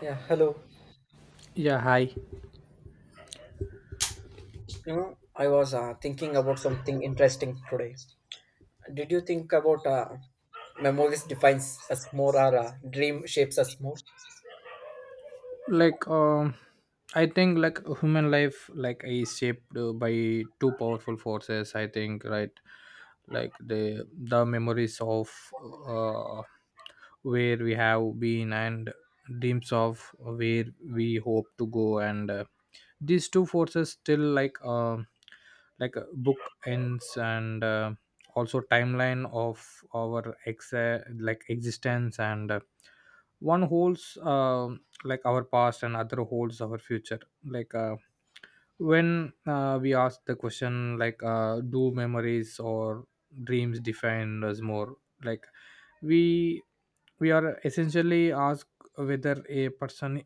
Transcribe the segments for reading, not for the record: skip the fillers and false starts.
Yeah, hello. Yeah, hi. You know, I was thinking about something interesting today. Did you think about memories defines us more or dream shapes us more? like um I think human life is shaped by two powerful forces, I think, right? The memories of uh where we have been, and dreams of where we hope to go. And These two forces still book ends and also timeline of our ex like existence. And One holds like our past and other holds our future. When we ask the question do memories or dreams define us more, like we we are essentially asked whether a person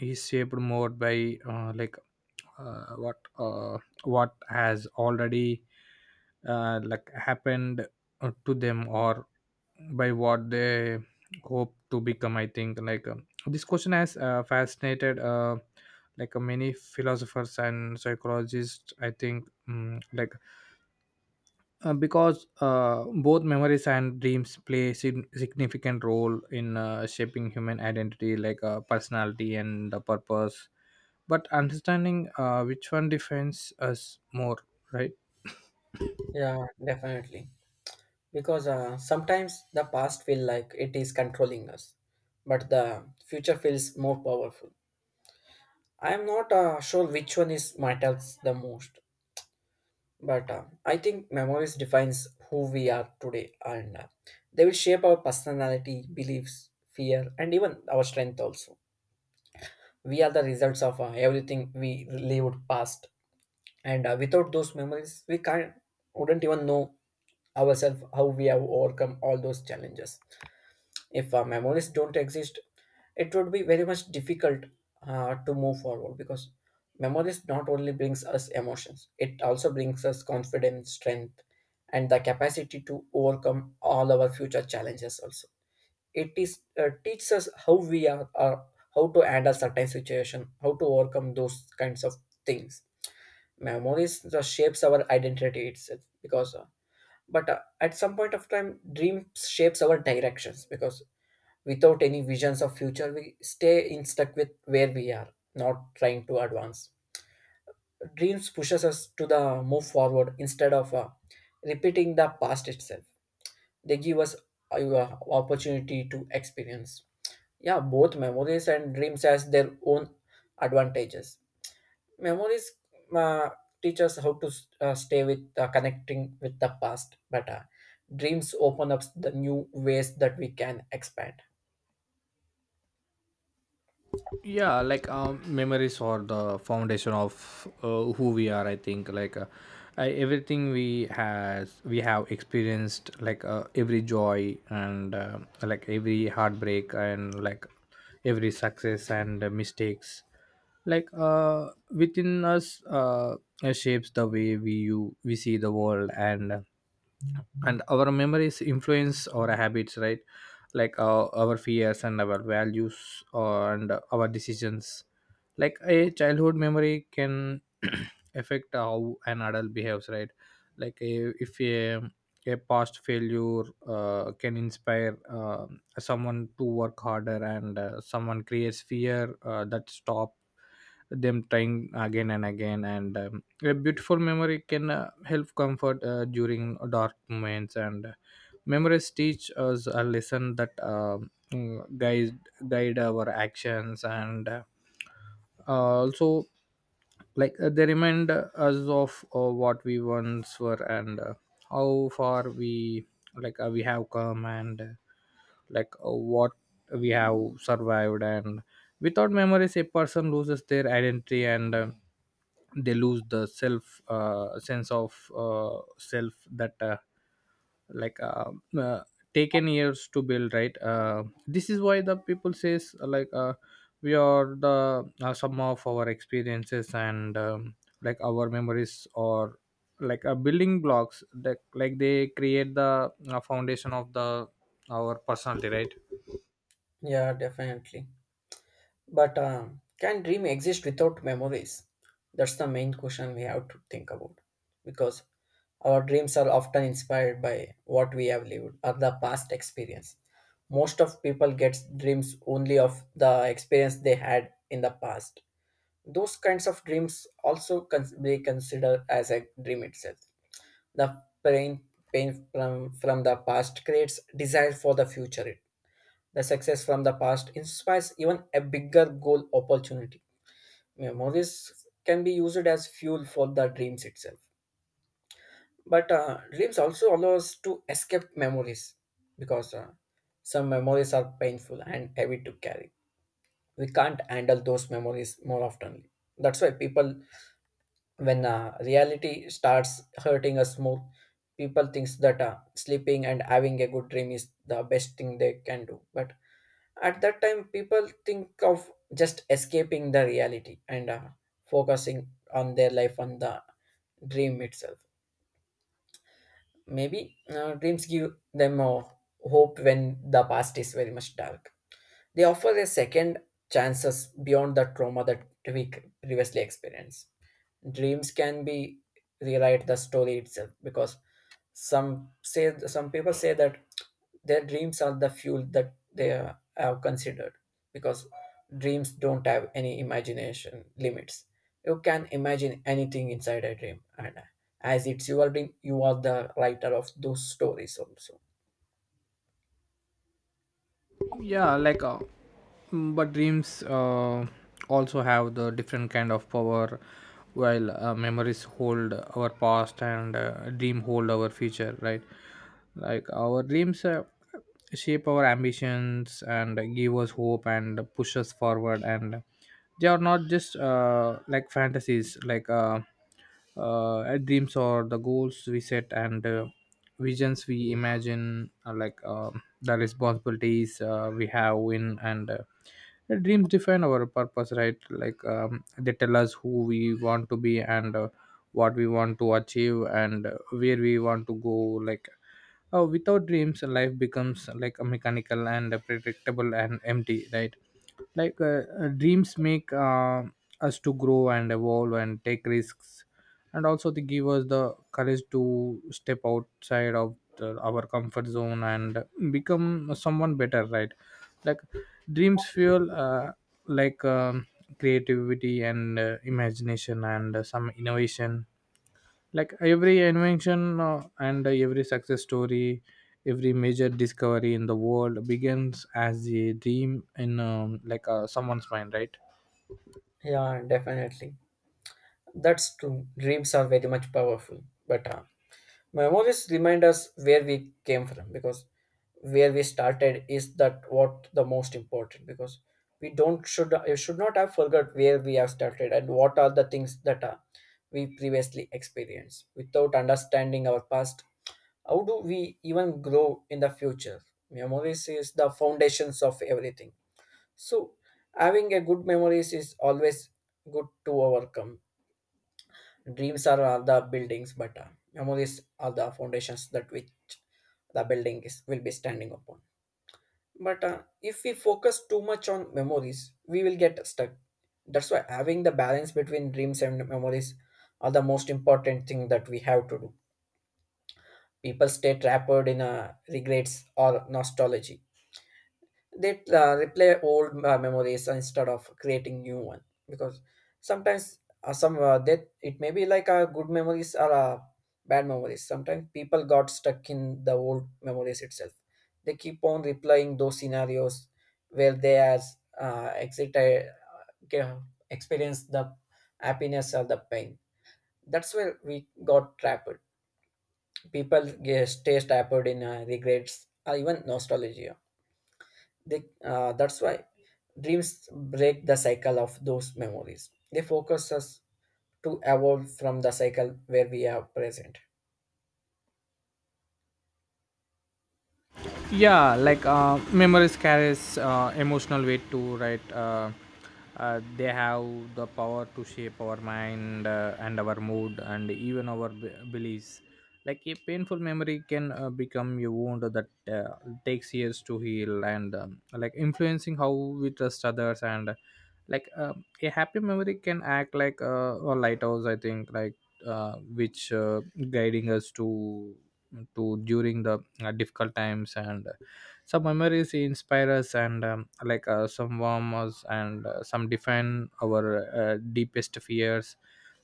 is shaped more by uh, what uh, what has already happened to them, or by what they hope to become. I think this question has fascinated many philosophers and psychologists, I think. Because both memories and dreams play significant role in shaping human identity, personality and the purpose. But understanding which one defines us more, right? Yeah, definitely. Because sometimes the past feel like it is controlling us, but the future feels more powerful. I am not sure which one is matters the most. But I think memories defines who we are today, and they will shape our personality, beliefs, fear, and even our strength. Also, we are the results of everything we lived past, and without those memories, we can't wouldn't even know ourselves how we have overcome all those challenges. If memories don't exist, it would be very much difficult to move forward, because memories not only brings us emotions, it also brings us confidence, strength, and the capacity to overcome all our future challenges also. It is teaches us how we are how to handle certain situation, how to overcome those kinds of things. Memories shapes our identity itself, because but at some point of time dreams shapes our directions, because without any visions of future we stay in stuck with where we are, not trying to advance. Dreams pushes us to the move forward instead of repeating the past itself. They give us a opportunity to experience. Yeah, both memories and dreams has their own advantages. Memories uh, teach us how to stay with connecting with the past but better. Dreams open up the new ways that we can expand. Yeah, memories are the foundation of who we are, I think. Everything we have experienced, every joy and every heartbreak and every success and mistakes within us, shapes the way we see the world. And our memories influence our habits, right? Our fears and our values and our decisions. Like a childhood memory can affect how an adult behaves, right? like a, if a, A past failure can inspire someone to work harder, and someone creates fear that stop them trying again and again. And A beautiful memory can help comfort during dark moments. And memories teach us a lesson that guide guide our actions, and also, they remind us of what we once were, and how far we have come, and what we have survived. And without memories a person loses their identity, and they lose the self sense of self that like uh, uh, taken years to build, right? This is why the people says, we are the sum of our experiences. And like Our memories or a building blocks that they create the foundation of the our personality, right? Yeah, definitely. But can dream exist without memories? That's the main question we have to think about, because our dreams are often inspired by what we have lived or the past experience. Most of people get dreams only of the experience they had in the past. Those kinds of dreams also be considered as a dream itself. The pain, pain from the past creates desire for the future. The success from the past inspires even a bigger goal opportunity. Memories can be used as fuel for the dreams itself. But dreams also allow us to escape memories, because some memories are painful and heavy to carry. We can't handle those memories more often. That's why people, when reality starts hurting us more, people thinks that sleeping and having a good dream is the best thing they can do. But at that time people think of just escaping the reality and focusing on their life on the dream itself. Maybe dreams give them hope when the past is very much dark. They offer a second chances beyond the trauma that we previously experienced. Dreams can be rewrite the story itself, because some people say that their dreams are the fuel that they are considered, because dreams don't have any imagination limits. You can imagine anything inside a dream, and as it's your dream, you are the writer of those stories also. Yeah, but dreams also have the different kind of power. While memories hold our past and dream hold our future, right? Like our dreams shape our ambitions and give us hope and push us forward, and they are not just fantasies. Dreams or the goals we set, and visions we imagine, are the responsibilities we have in, and the dreams define our purpose, right? They tell us who we want to be, and what we want to achieve, and where we want to go. like Without dreams life becomes like a mechanical and predictable and empty, right? Dreams make us to grow and evolve and take risks, and also they give us the courage to step outside of our comfort zone and become someone better, right? like Dreams fuel like um, creativity and imagination and some innovation. Like every invention and every success story, every major discovery in the world begins as a dream in someone's mind, right? Yeah, definitely. That's true. Dreams are very much powerful. But memories remind us where we came from, because where we started is that what the most important, because we don't should you should not have forgot where we have started and what are the things that are we previously experienced. Without understanding our past, how do we even grow in the future? Memories is the foundations of everything. So, having a good memories is always good to overcome. Dreams are the buildings, but memories are the foundations that which the building is will be standing upon. But if we focus too much on memories, we will get stuck. That's why having the balance between dreams and memories are the most important thing that we have to do. People stay trapped in regrets or nostalgia. They replay old memories instead of creating new one, because sometimes some that it may be like good memories or bad memories. Sometimes people got stuck in the old memories itself. They keep on replaying those scenarios where they has exited uh, experienced the happiness or the pain. That's where we got trapped. People stay trapped in regrets or even nostalgia. That's why dreams break the cycle of those memories. They focus us to evolve from the cycle where we are present. Yeah, memories carries emotional weight too, right? They have the power to shape our mind and our mood and even our beliefs. Like a painful memory can become a wound that uh, takes years to heal, and like influencing how we trust others. And like A happy memory can act like a lighthouse, I think, which guiding us to during the difficult times. And Some memories inspire us, and some warm us, and some define our deepest fears.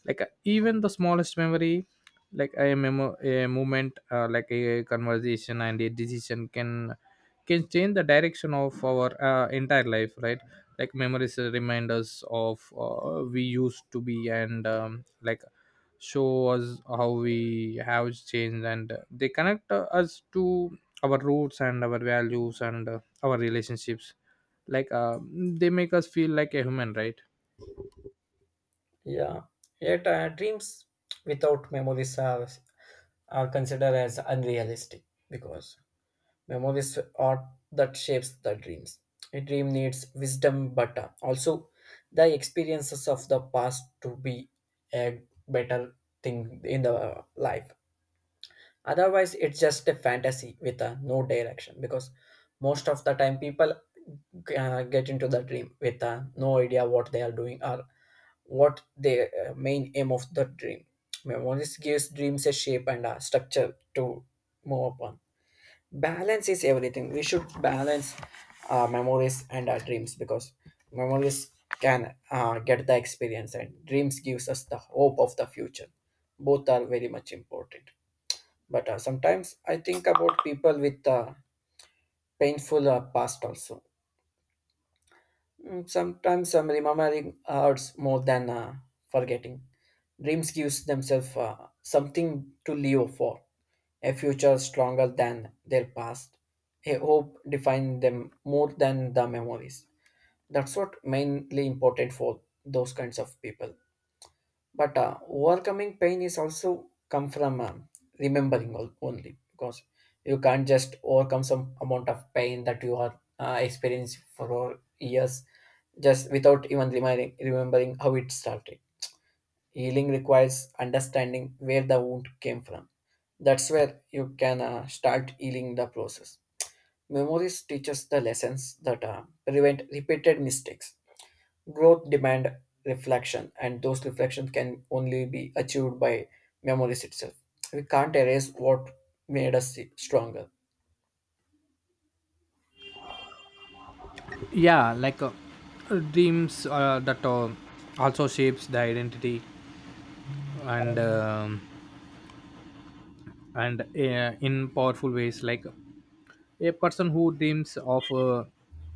Even the smallest memory, a moment, like a conversation and a decision, can change the direction of our entire life, right? Like memories remind us of we used to be, and show us how we have changed, and they connect us to our roots and our values and our relationships. They make us feel like a human, right? Yeah. Yet dreams without memories are considered as unrealistic, because memories are that shapes the dreams. A dream needs wisdom, but also the experiences of the past to be a better thing in the life. Otherwise, it's just a fantasy with a no direction, because most of the time people get into the dream with no idea what they are doing or what the main aim of the dream. Memories gives dreams a shape and a structure to move upon. Balance is everything. We should balance our memories and our dreams, because memories can get the experience and dreams gives us the hope of the future. Both are very much important. But sometimes I think about people with painful past also. Mm, sometimes remembering hurts more than forgetting. Dreams gives themselves something to live for, a future stronger than their past. A hope defines them more than the memories. That's what mainly important for those kinds of people. But overcoming pain is also come from remembering only, because you can't just overcome some amount of pain that you are experiencing for all years just without even remembering how it started. Healing requires understanding where the wound came from. That's where you can start healing the process. Memories teach us the lessons that prevent repeated mistakes. Growth demand reflection, and those reflections can only be achieved by memories itself. We can't erase what made us stronger. Yeah, dreams that also shapes the identity, and um, and in powerful ways. Like a person who dreams of uh,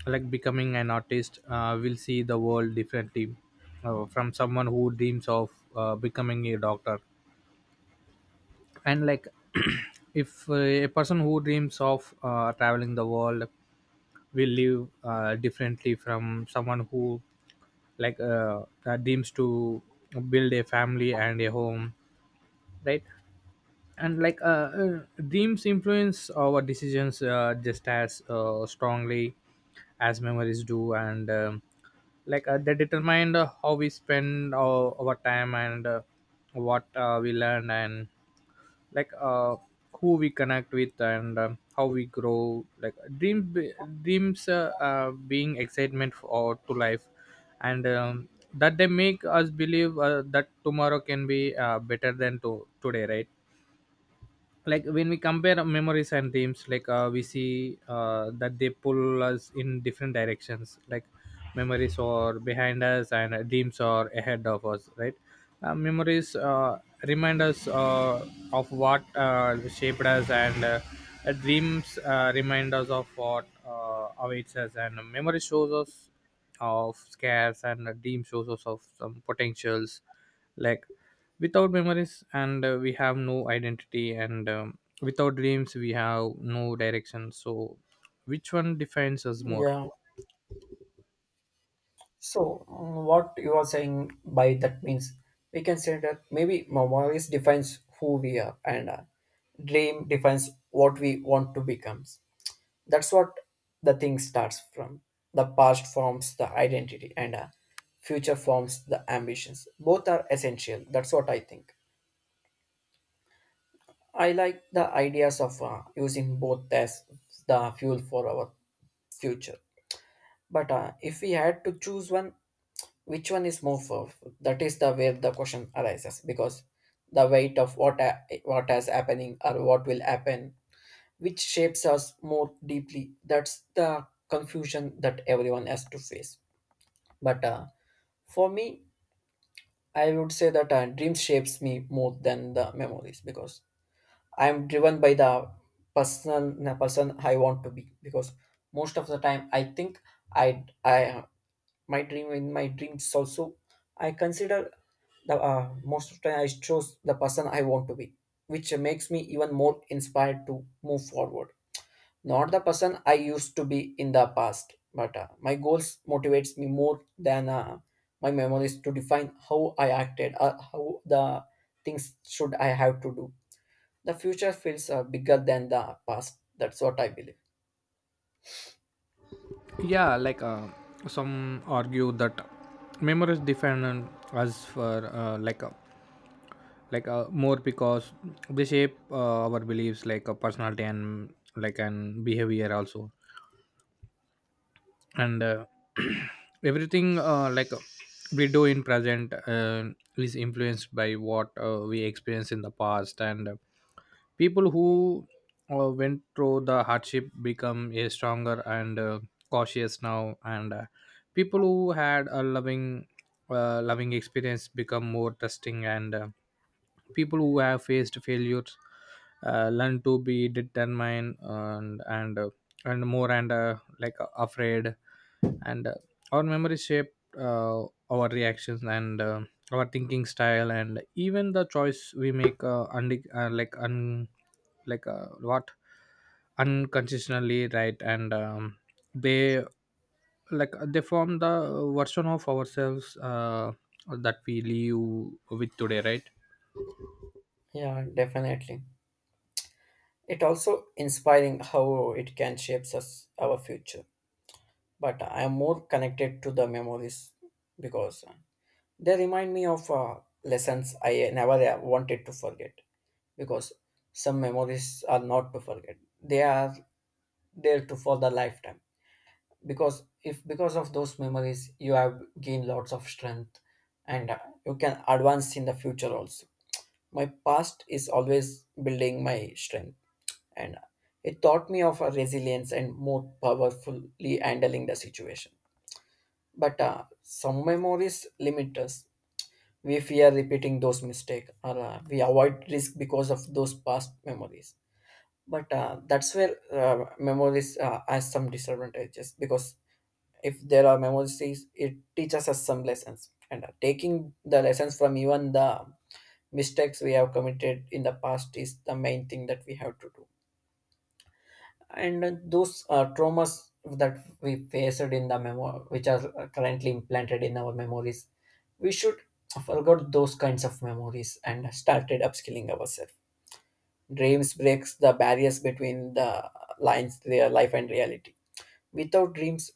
like becoming an artist will see the world differently from someone who dreams of becoming a doctor. And like If a person who dreams of traveling the world will live differently from someone who dreams to build a family and a home, right? and like Dreams influence our decisions just as strongly as memories do, and like they determine how we spend our time, and what we learn, and like uh, who we connect with, and how we grow. Dreams being excitement for to life, and that they make us believe that tomorrow can be better than today, right? Like when we compare memories and themes, we see that they pull us in different directions. Like memories are behind us and dreams are ahead of us, right? Memories remind us of what shaped us, and dreams remind us of what awaits us. And memory shows us of scares, and a dream shows us of some potentials. like Without memories and we have no identity, and without dreams we have no direction, so which one defines us more? Yeah. So, mm, what you are saying by that means we can say that maybe memories defines who we are and dream defines what we want to become. That's what the thing starts from. The past forms the identity and future forms the ambitions. Both are essential. That's what I think. I like the ideas of using both as the fuel for our future. But if we had to choose one, which one is more powerful? That is the where the question arises, because the weight of what what has happening or what will happen, which shapes us more deeply. That's the confusion that everyone has to face. But for me, I would say that dreams shapes me more than the memories, because I'm driven by the person I want to be, because most of the time I think I my dream in my dreams also I consider the most of the time I chose the person I want to be, which makes me even more inspired to move forward. Not the person I used to be in the past, but my goals motivates me more than my memories to define how I acted, how the things should I have to do. The future feels bigger than the past. That's what I believe. Yeah, some argue that memories define us for like a more, because they shape our beliefs, like a personality and like an behavior also. And Everything we do in present is influenced by what we experience in the past. And People who went through the hardship become a stronger and cautious now, and people who had a loving experience become more trusting, and people who have faced failures learn to be determined, and more, and afraid. And Our memories shape uh, our reactions and our thinking style and even the choice we make, und- like un like what unconditionally, right? and they like They form the version of ourselves that we live with today, right? Yeah, definitely. It also inspiring how it can shapes us our future. But I am more connected to the memories, because they remind me of lessons I never wanted to forget. Because some memories are not to forget; they are there to for the lifetime. Because if because of those memories, you have gained lots of strength, and you can advance in the future also. My past is always building my strength, and it taught me of a resilience and more powerfully handling the situation. But some memories limit us. We fear repeating those mistakes, or we avoid risk because of those past memories. But that's where memories has some disadvantages, because if there are memories, it teaches us some lessons, and taking the lessons from even the mistakes we have committed in the past is the main thing that we have to do. And those traumas that we faced in the memo which are currently implanted in our memories, we should forget those kinds of memories and started upskilling ourselves. Dreams breaks the barriers between the lines their life and reality. Without dreams,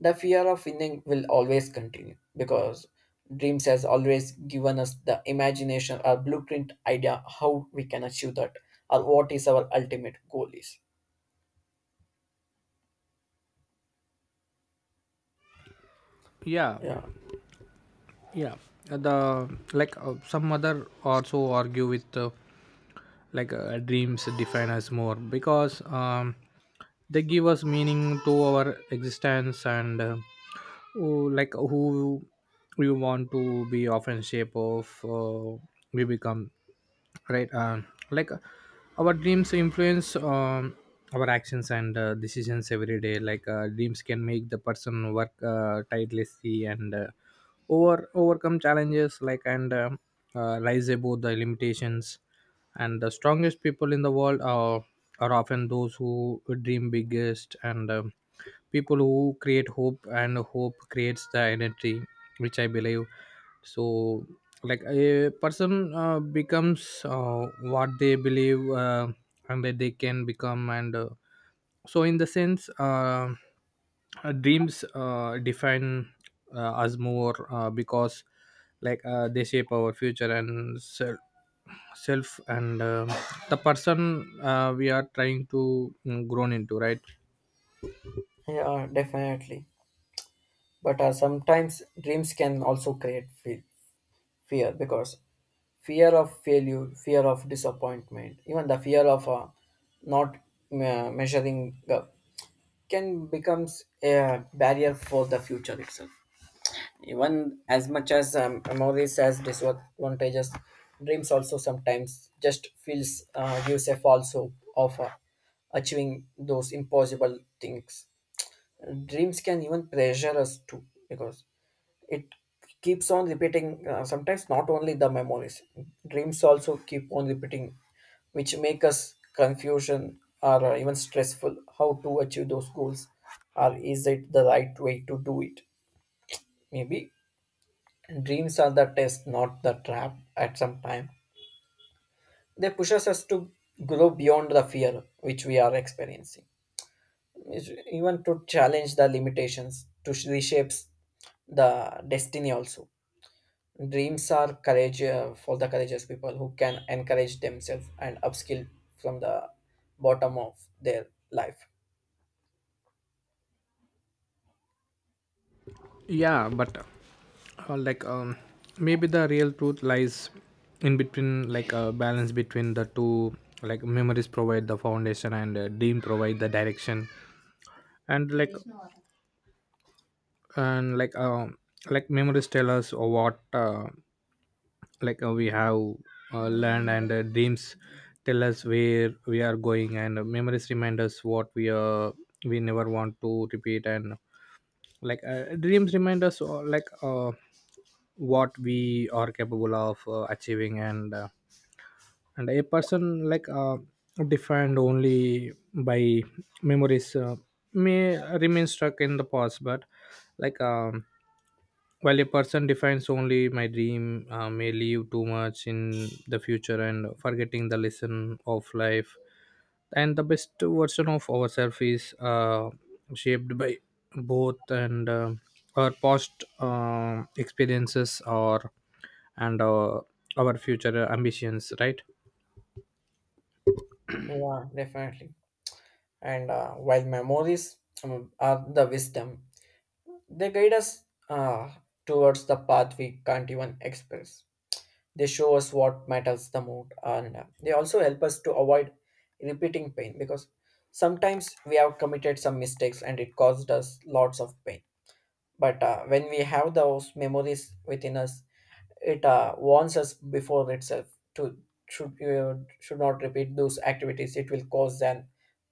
the fear of winning will always continue, because dreams has always given us the imagination or blueprint idea how we can achieve that or what is our ultimate goal is. Yeah. Yeah, Yeah, the like some other also argue with dreams define us more, because they give us meaning to our existence, and who we want to be often shape of we become, right? Our dreams influence our actions and decisions every day. Dreams can make the person work tirelessly, and overcome challenges, like and rise above the limitations. And the strongest people in the world are often those who dream biggest, and people who create hope, and hope creates the energy, which I believe. So like a person becomes what they believe and that they can become, and so in the sense dreams define us more, because they shape our future and self, and the person we are trying to grown into, right? yeah, definitely. But sometimes dreams can also create fear, because fear of failure, fear of disappointment, even the fear of not measuring up can becomes a barrier for the future itself. Even as much as memories as disadvantages, dreams also sometimes just feels gives a false hope of achieving those impossible things. Dreams can even pressure us too because it keeps on repeating. Sometimes not only the memories, dreams also keep on repeating, which make us confusion or even stressful. How to achieve those goals, or is it the right way to do it? Maybe dreams are the test, not the trap. At some time, they push us to grow beyond the fear which we are experiencing. It's even to challenge the limitations, to reshape the destiny. Also, dreams are courage for the courageous people who can encourage themselves and upskill from the bottom of their life. Yeah, but like um, maybe the real truth lies in between, like a balance between the two. Like memories provide the foundation and dream provide the direction. And like and like Memories tell us what we have land, and dreams tell us where we are going. And memories remind us what we never want to repeat, and dreams remind us what we are capable of achieving. And a person defined only by memories may remain stuck in the past, but like um, while a person defines only my dream may leave too much in the future and forgetting the lesson of life. And the best version of ourselves is shaped by both, and our past experiences or and our future ambitions, right? Yeah, definitely. And while memories are the wisdom. They guide us uh, towards the path we can't even express. They show us what matters the most, and they also help us to avoid repeating pain, because sometimes we have committed some mistakes and it caused us lots of pain. But when we have those memories within us, it warns us before itself to should uh, should not repeat those activities, it will cause an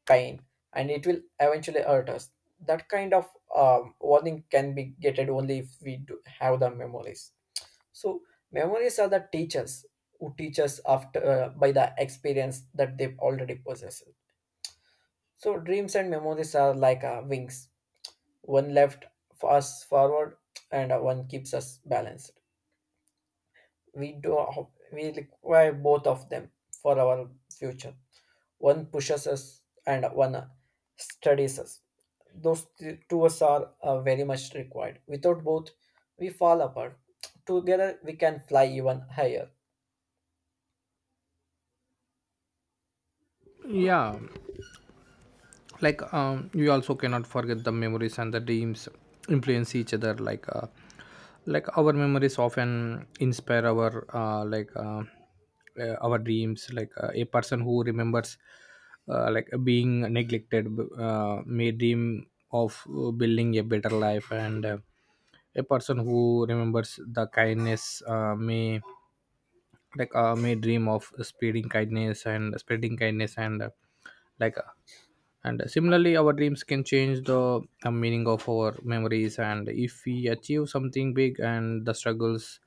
pain and it will eventually hurt us. That kind of warning can be getted only if we do have the memories. So memories are the teachers who teach us after by the experience that they've already possessed. So dreams and memories are like wings. One left us forward and one keeps us balanced. We require both of them for our future. One pushes us and one studies us. Those two us are very much required. Without both we fall apart. Together we can fly even higher. Yeah, we also cannot forget the memories and the dreams influence each other, our memories often inspire our our dreams. A person who remembers like being neglected, may dream of building a better life. And A person who remembers the kindness may dream of spreading kindness and spreading kindness and like uh, and similarly, our dreams can change the meaning of our memories. And if we achieve something big and the struggles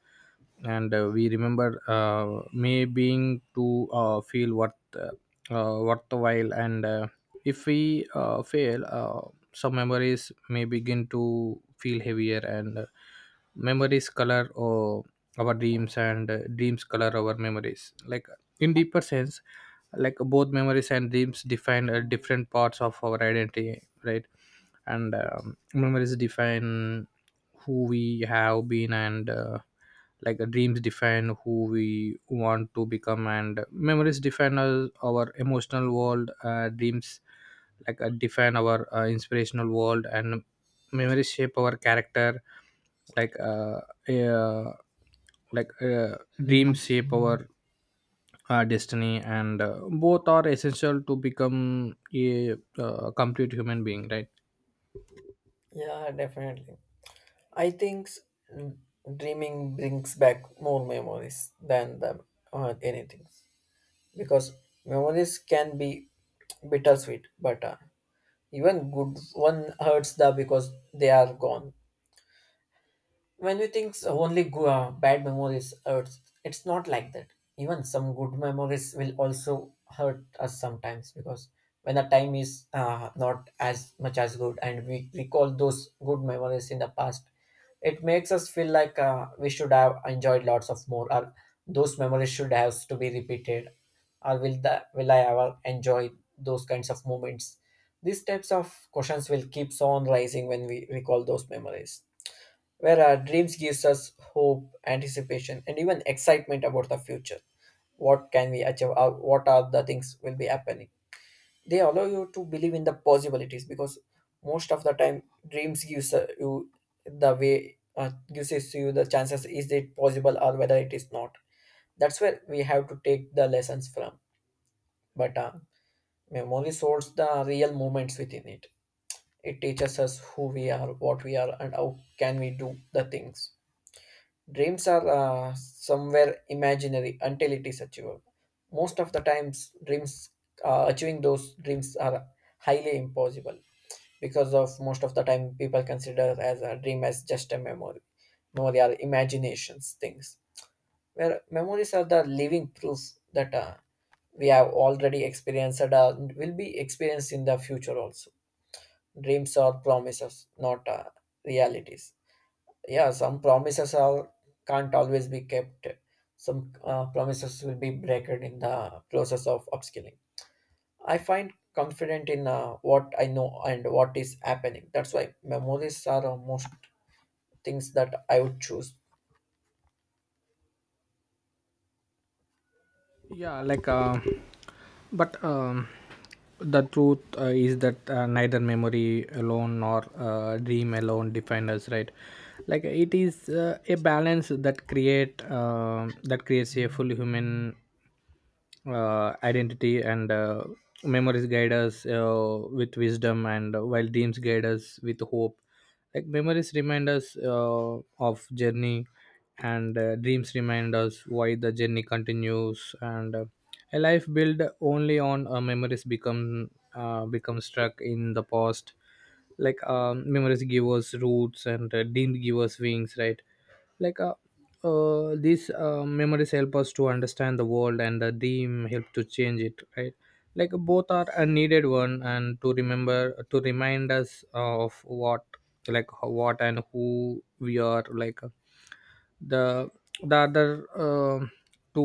and we remember, may being to feel worthwhile. And if we fail, some memories may begin to feel heavier. And Memories color or our dreams and dreams color our memories, in deeper sense. Both memories and dreams define different parts of our identity, right? and Memories define who we have been, and dreams define who we want to become. And memories define us, our emotional world. Dreams, define our inspirational world, and memories shape our character. like uh, uh like uh, Dreams shape our destiny, and both are essential to become a complete human being, right? Yeah, definitely. i think s- Dreaming brings back more memories than the anything, because memories can be bittersweet. But even good one hurts the because they are gone. When we think only bad memories hurts, it's not like that. Even some good memories will also hurt us sometimes, because when the time is not as much as good and we recall those good memories in the past, it makes us feel like we should have enjoyed lots of more, or those memories should have to be repeated, or will the will I ever enjoy those kinds of moments? These types of questions will keep on rising when we recall those memories, where our dreams gives us hope, anticipation and even excitement about the future. What can we achieve, or what are the things will be happening? They allow you to believe in the possibilities, because most of the time dreams gives you the way, gives us you the chances, is it possible or whether it is not. That's where we have to take the lessons from. But memory sorts the real moments within it. It teaches us who we are, what we are, and how can we do the things. Dreams are somewhere imaginary until it is achievable. Most of the times, dreams achieving those dreams are highly impossible, because of most of the time people consider as a dream as just a memory. Memory are imaginations things, where memories are the living proof that we have already experienced and will be experienced in the future also. Dreams are promises, not realities. Yeah, some promises are can't always be kept. Some promises will be broken in the process of upskilling. I find confident in what I know and what is happening. That's why memories are most things that I would choose. Yeah. like but The truth is that neither memory alone nor dream alone define us, right? It is a balance that create that creates a full human identity. And Memories guide us with wisdom, and while dreams guide us with hope. Memories remind us of journey, and dreams remind us why the journey continues. And a life built only on memories become stuck in the past. Memories give us roots, and dreams give us wings, right? like these Memories help us to understand the world, and the dream help to change it, right? Both are a needed, one and to remember, to remind us of what, what and who we are, the other to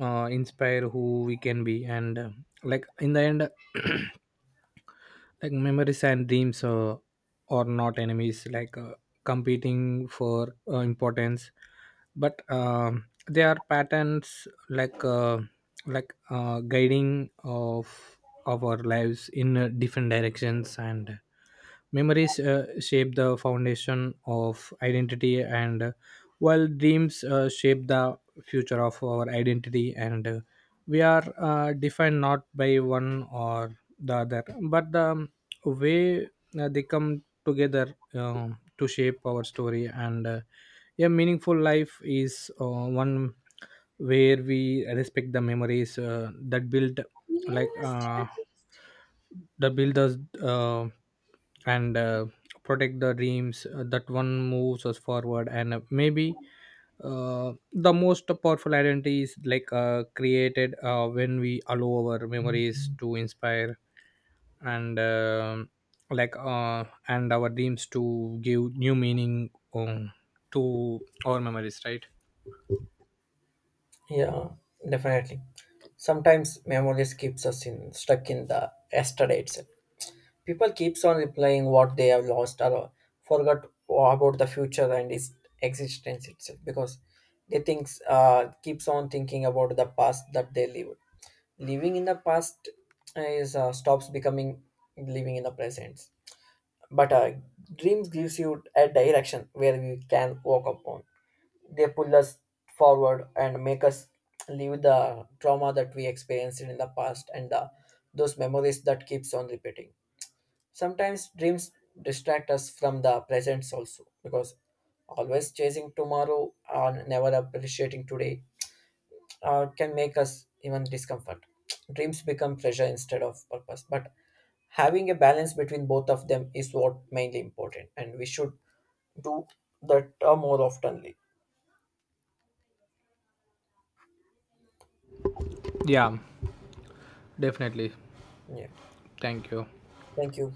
inspire who we can be. And in the end, memories and dreams are not enemies, competing for importance, but they are patterns, guiding of our lives in different directions. And memories shape the foundation of identity, and while dreams shape the future of our identity, and we are defined not by one or the other, but the way they come together to shape our story. And a meaningful life is one where we respect the memories that build, like uh, the builders, uh, and protect the dreams that one moves us forward. And maybe the most powerful identity is created when we allow our memories to inspire and and our dreams to give new meaning um, to our memories, right? Yeah, definitely. Sometimes memories keeps us in stuck in the yesterday itself. People keeps on replying what they have lost, or forgot about the future and its existence itself, because they thinks keeps on thinking about the past that they lived. Living in the past is stops becoming living in the present. But dreams gives you a direction where we can walk upon. They pull us forward and make us leave the trauma that we experienced in the past, and the, those memories that keeps on repeating. Sometimes dreams distract us from the presence also, because always chasing tomorrow or never appreciating today can make us even discomfort. Dreams become pressure instead of purpose. But having a balance between both of them is what mainly important, and we should do that more oftenly. Yeah, definitely. Yeah. Thank you. Thank you.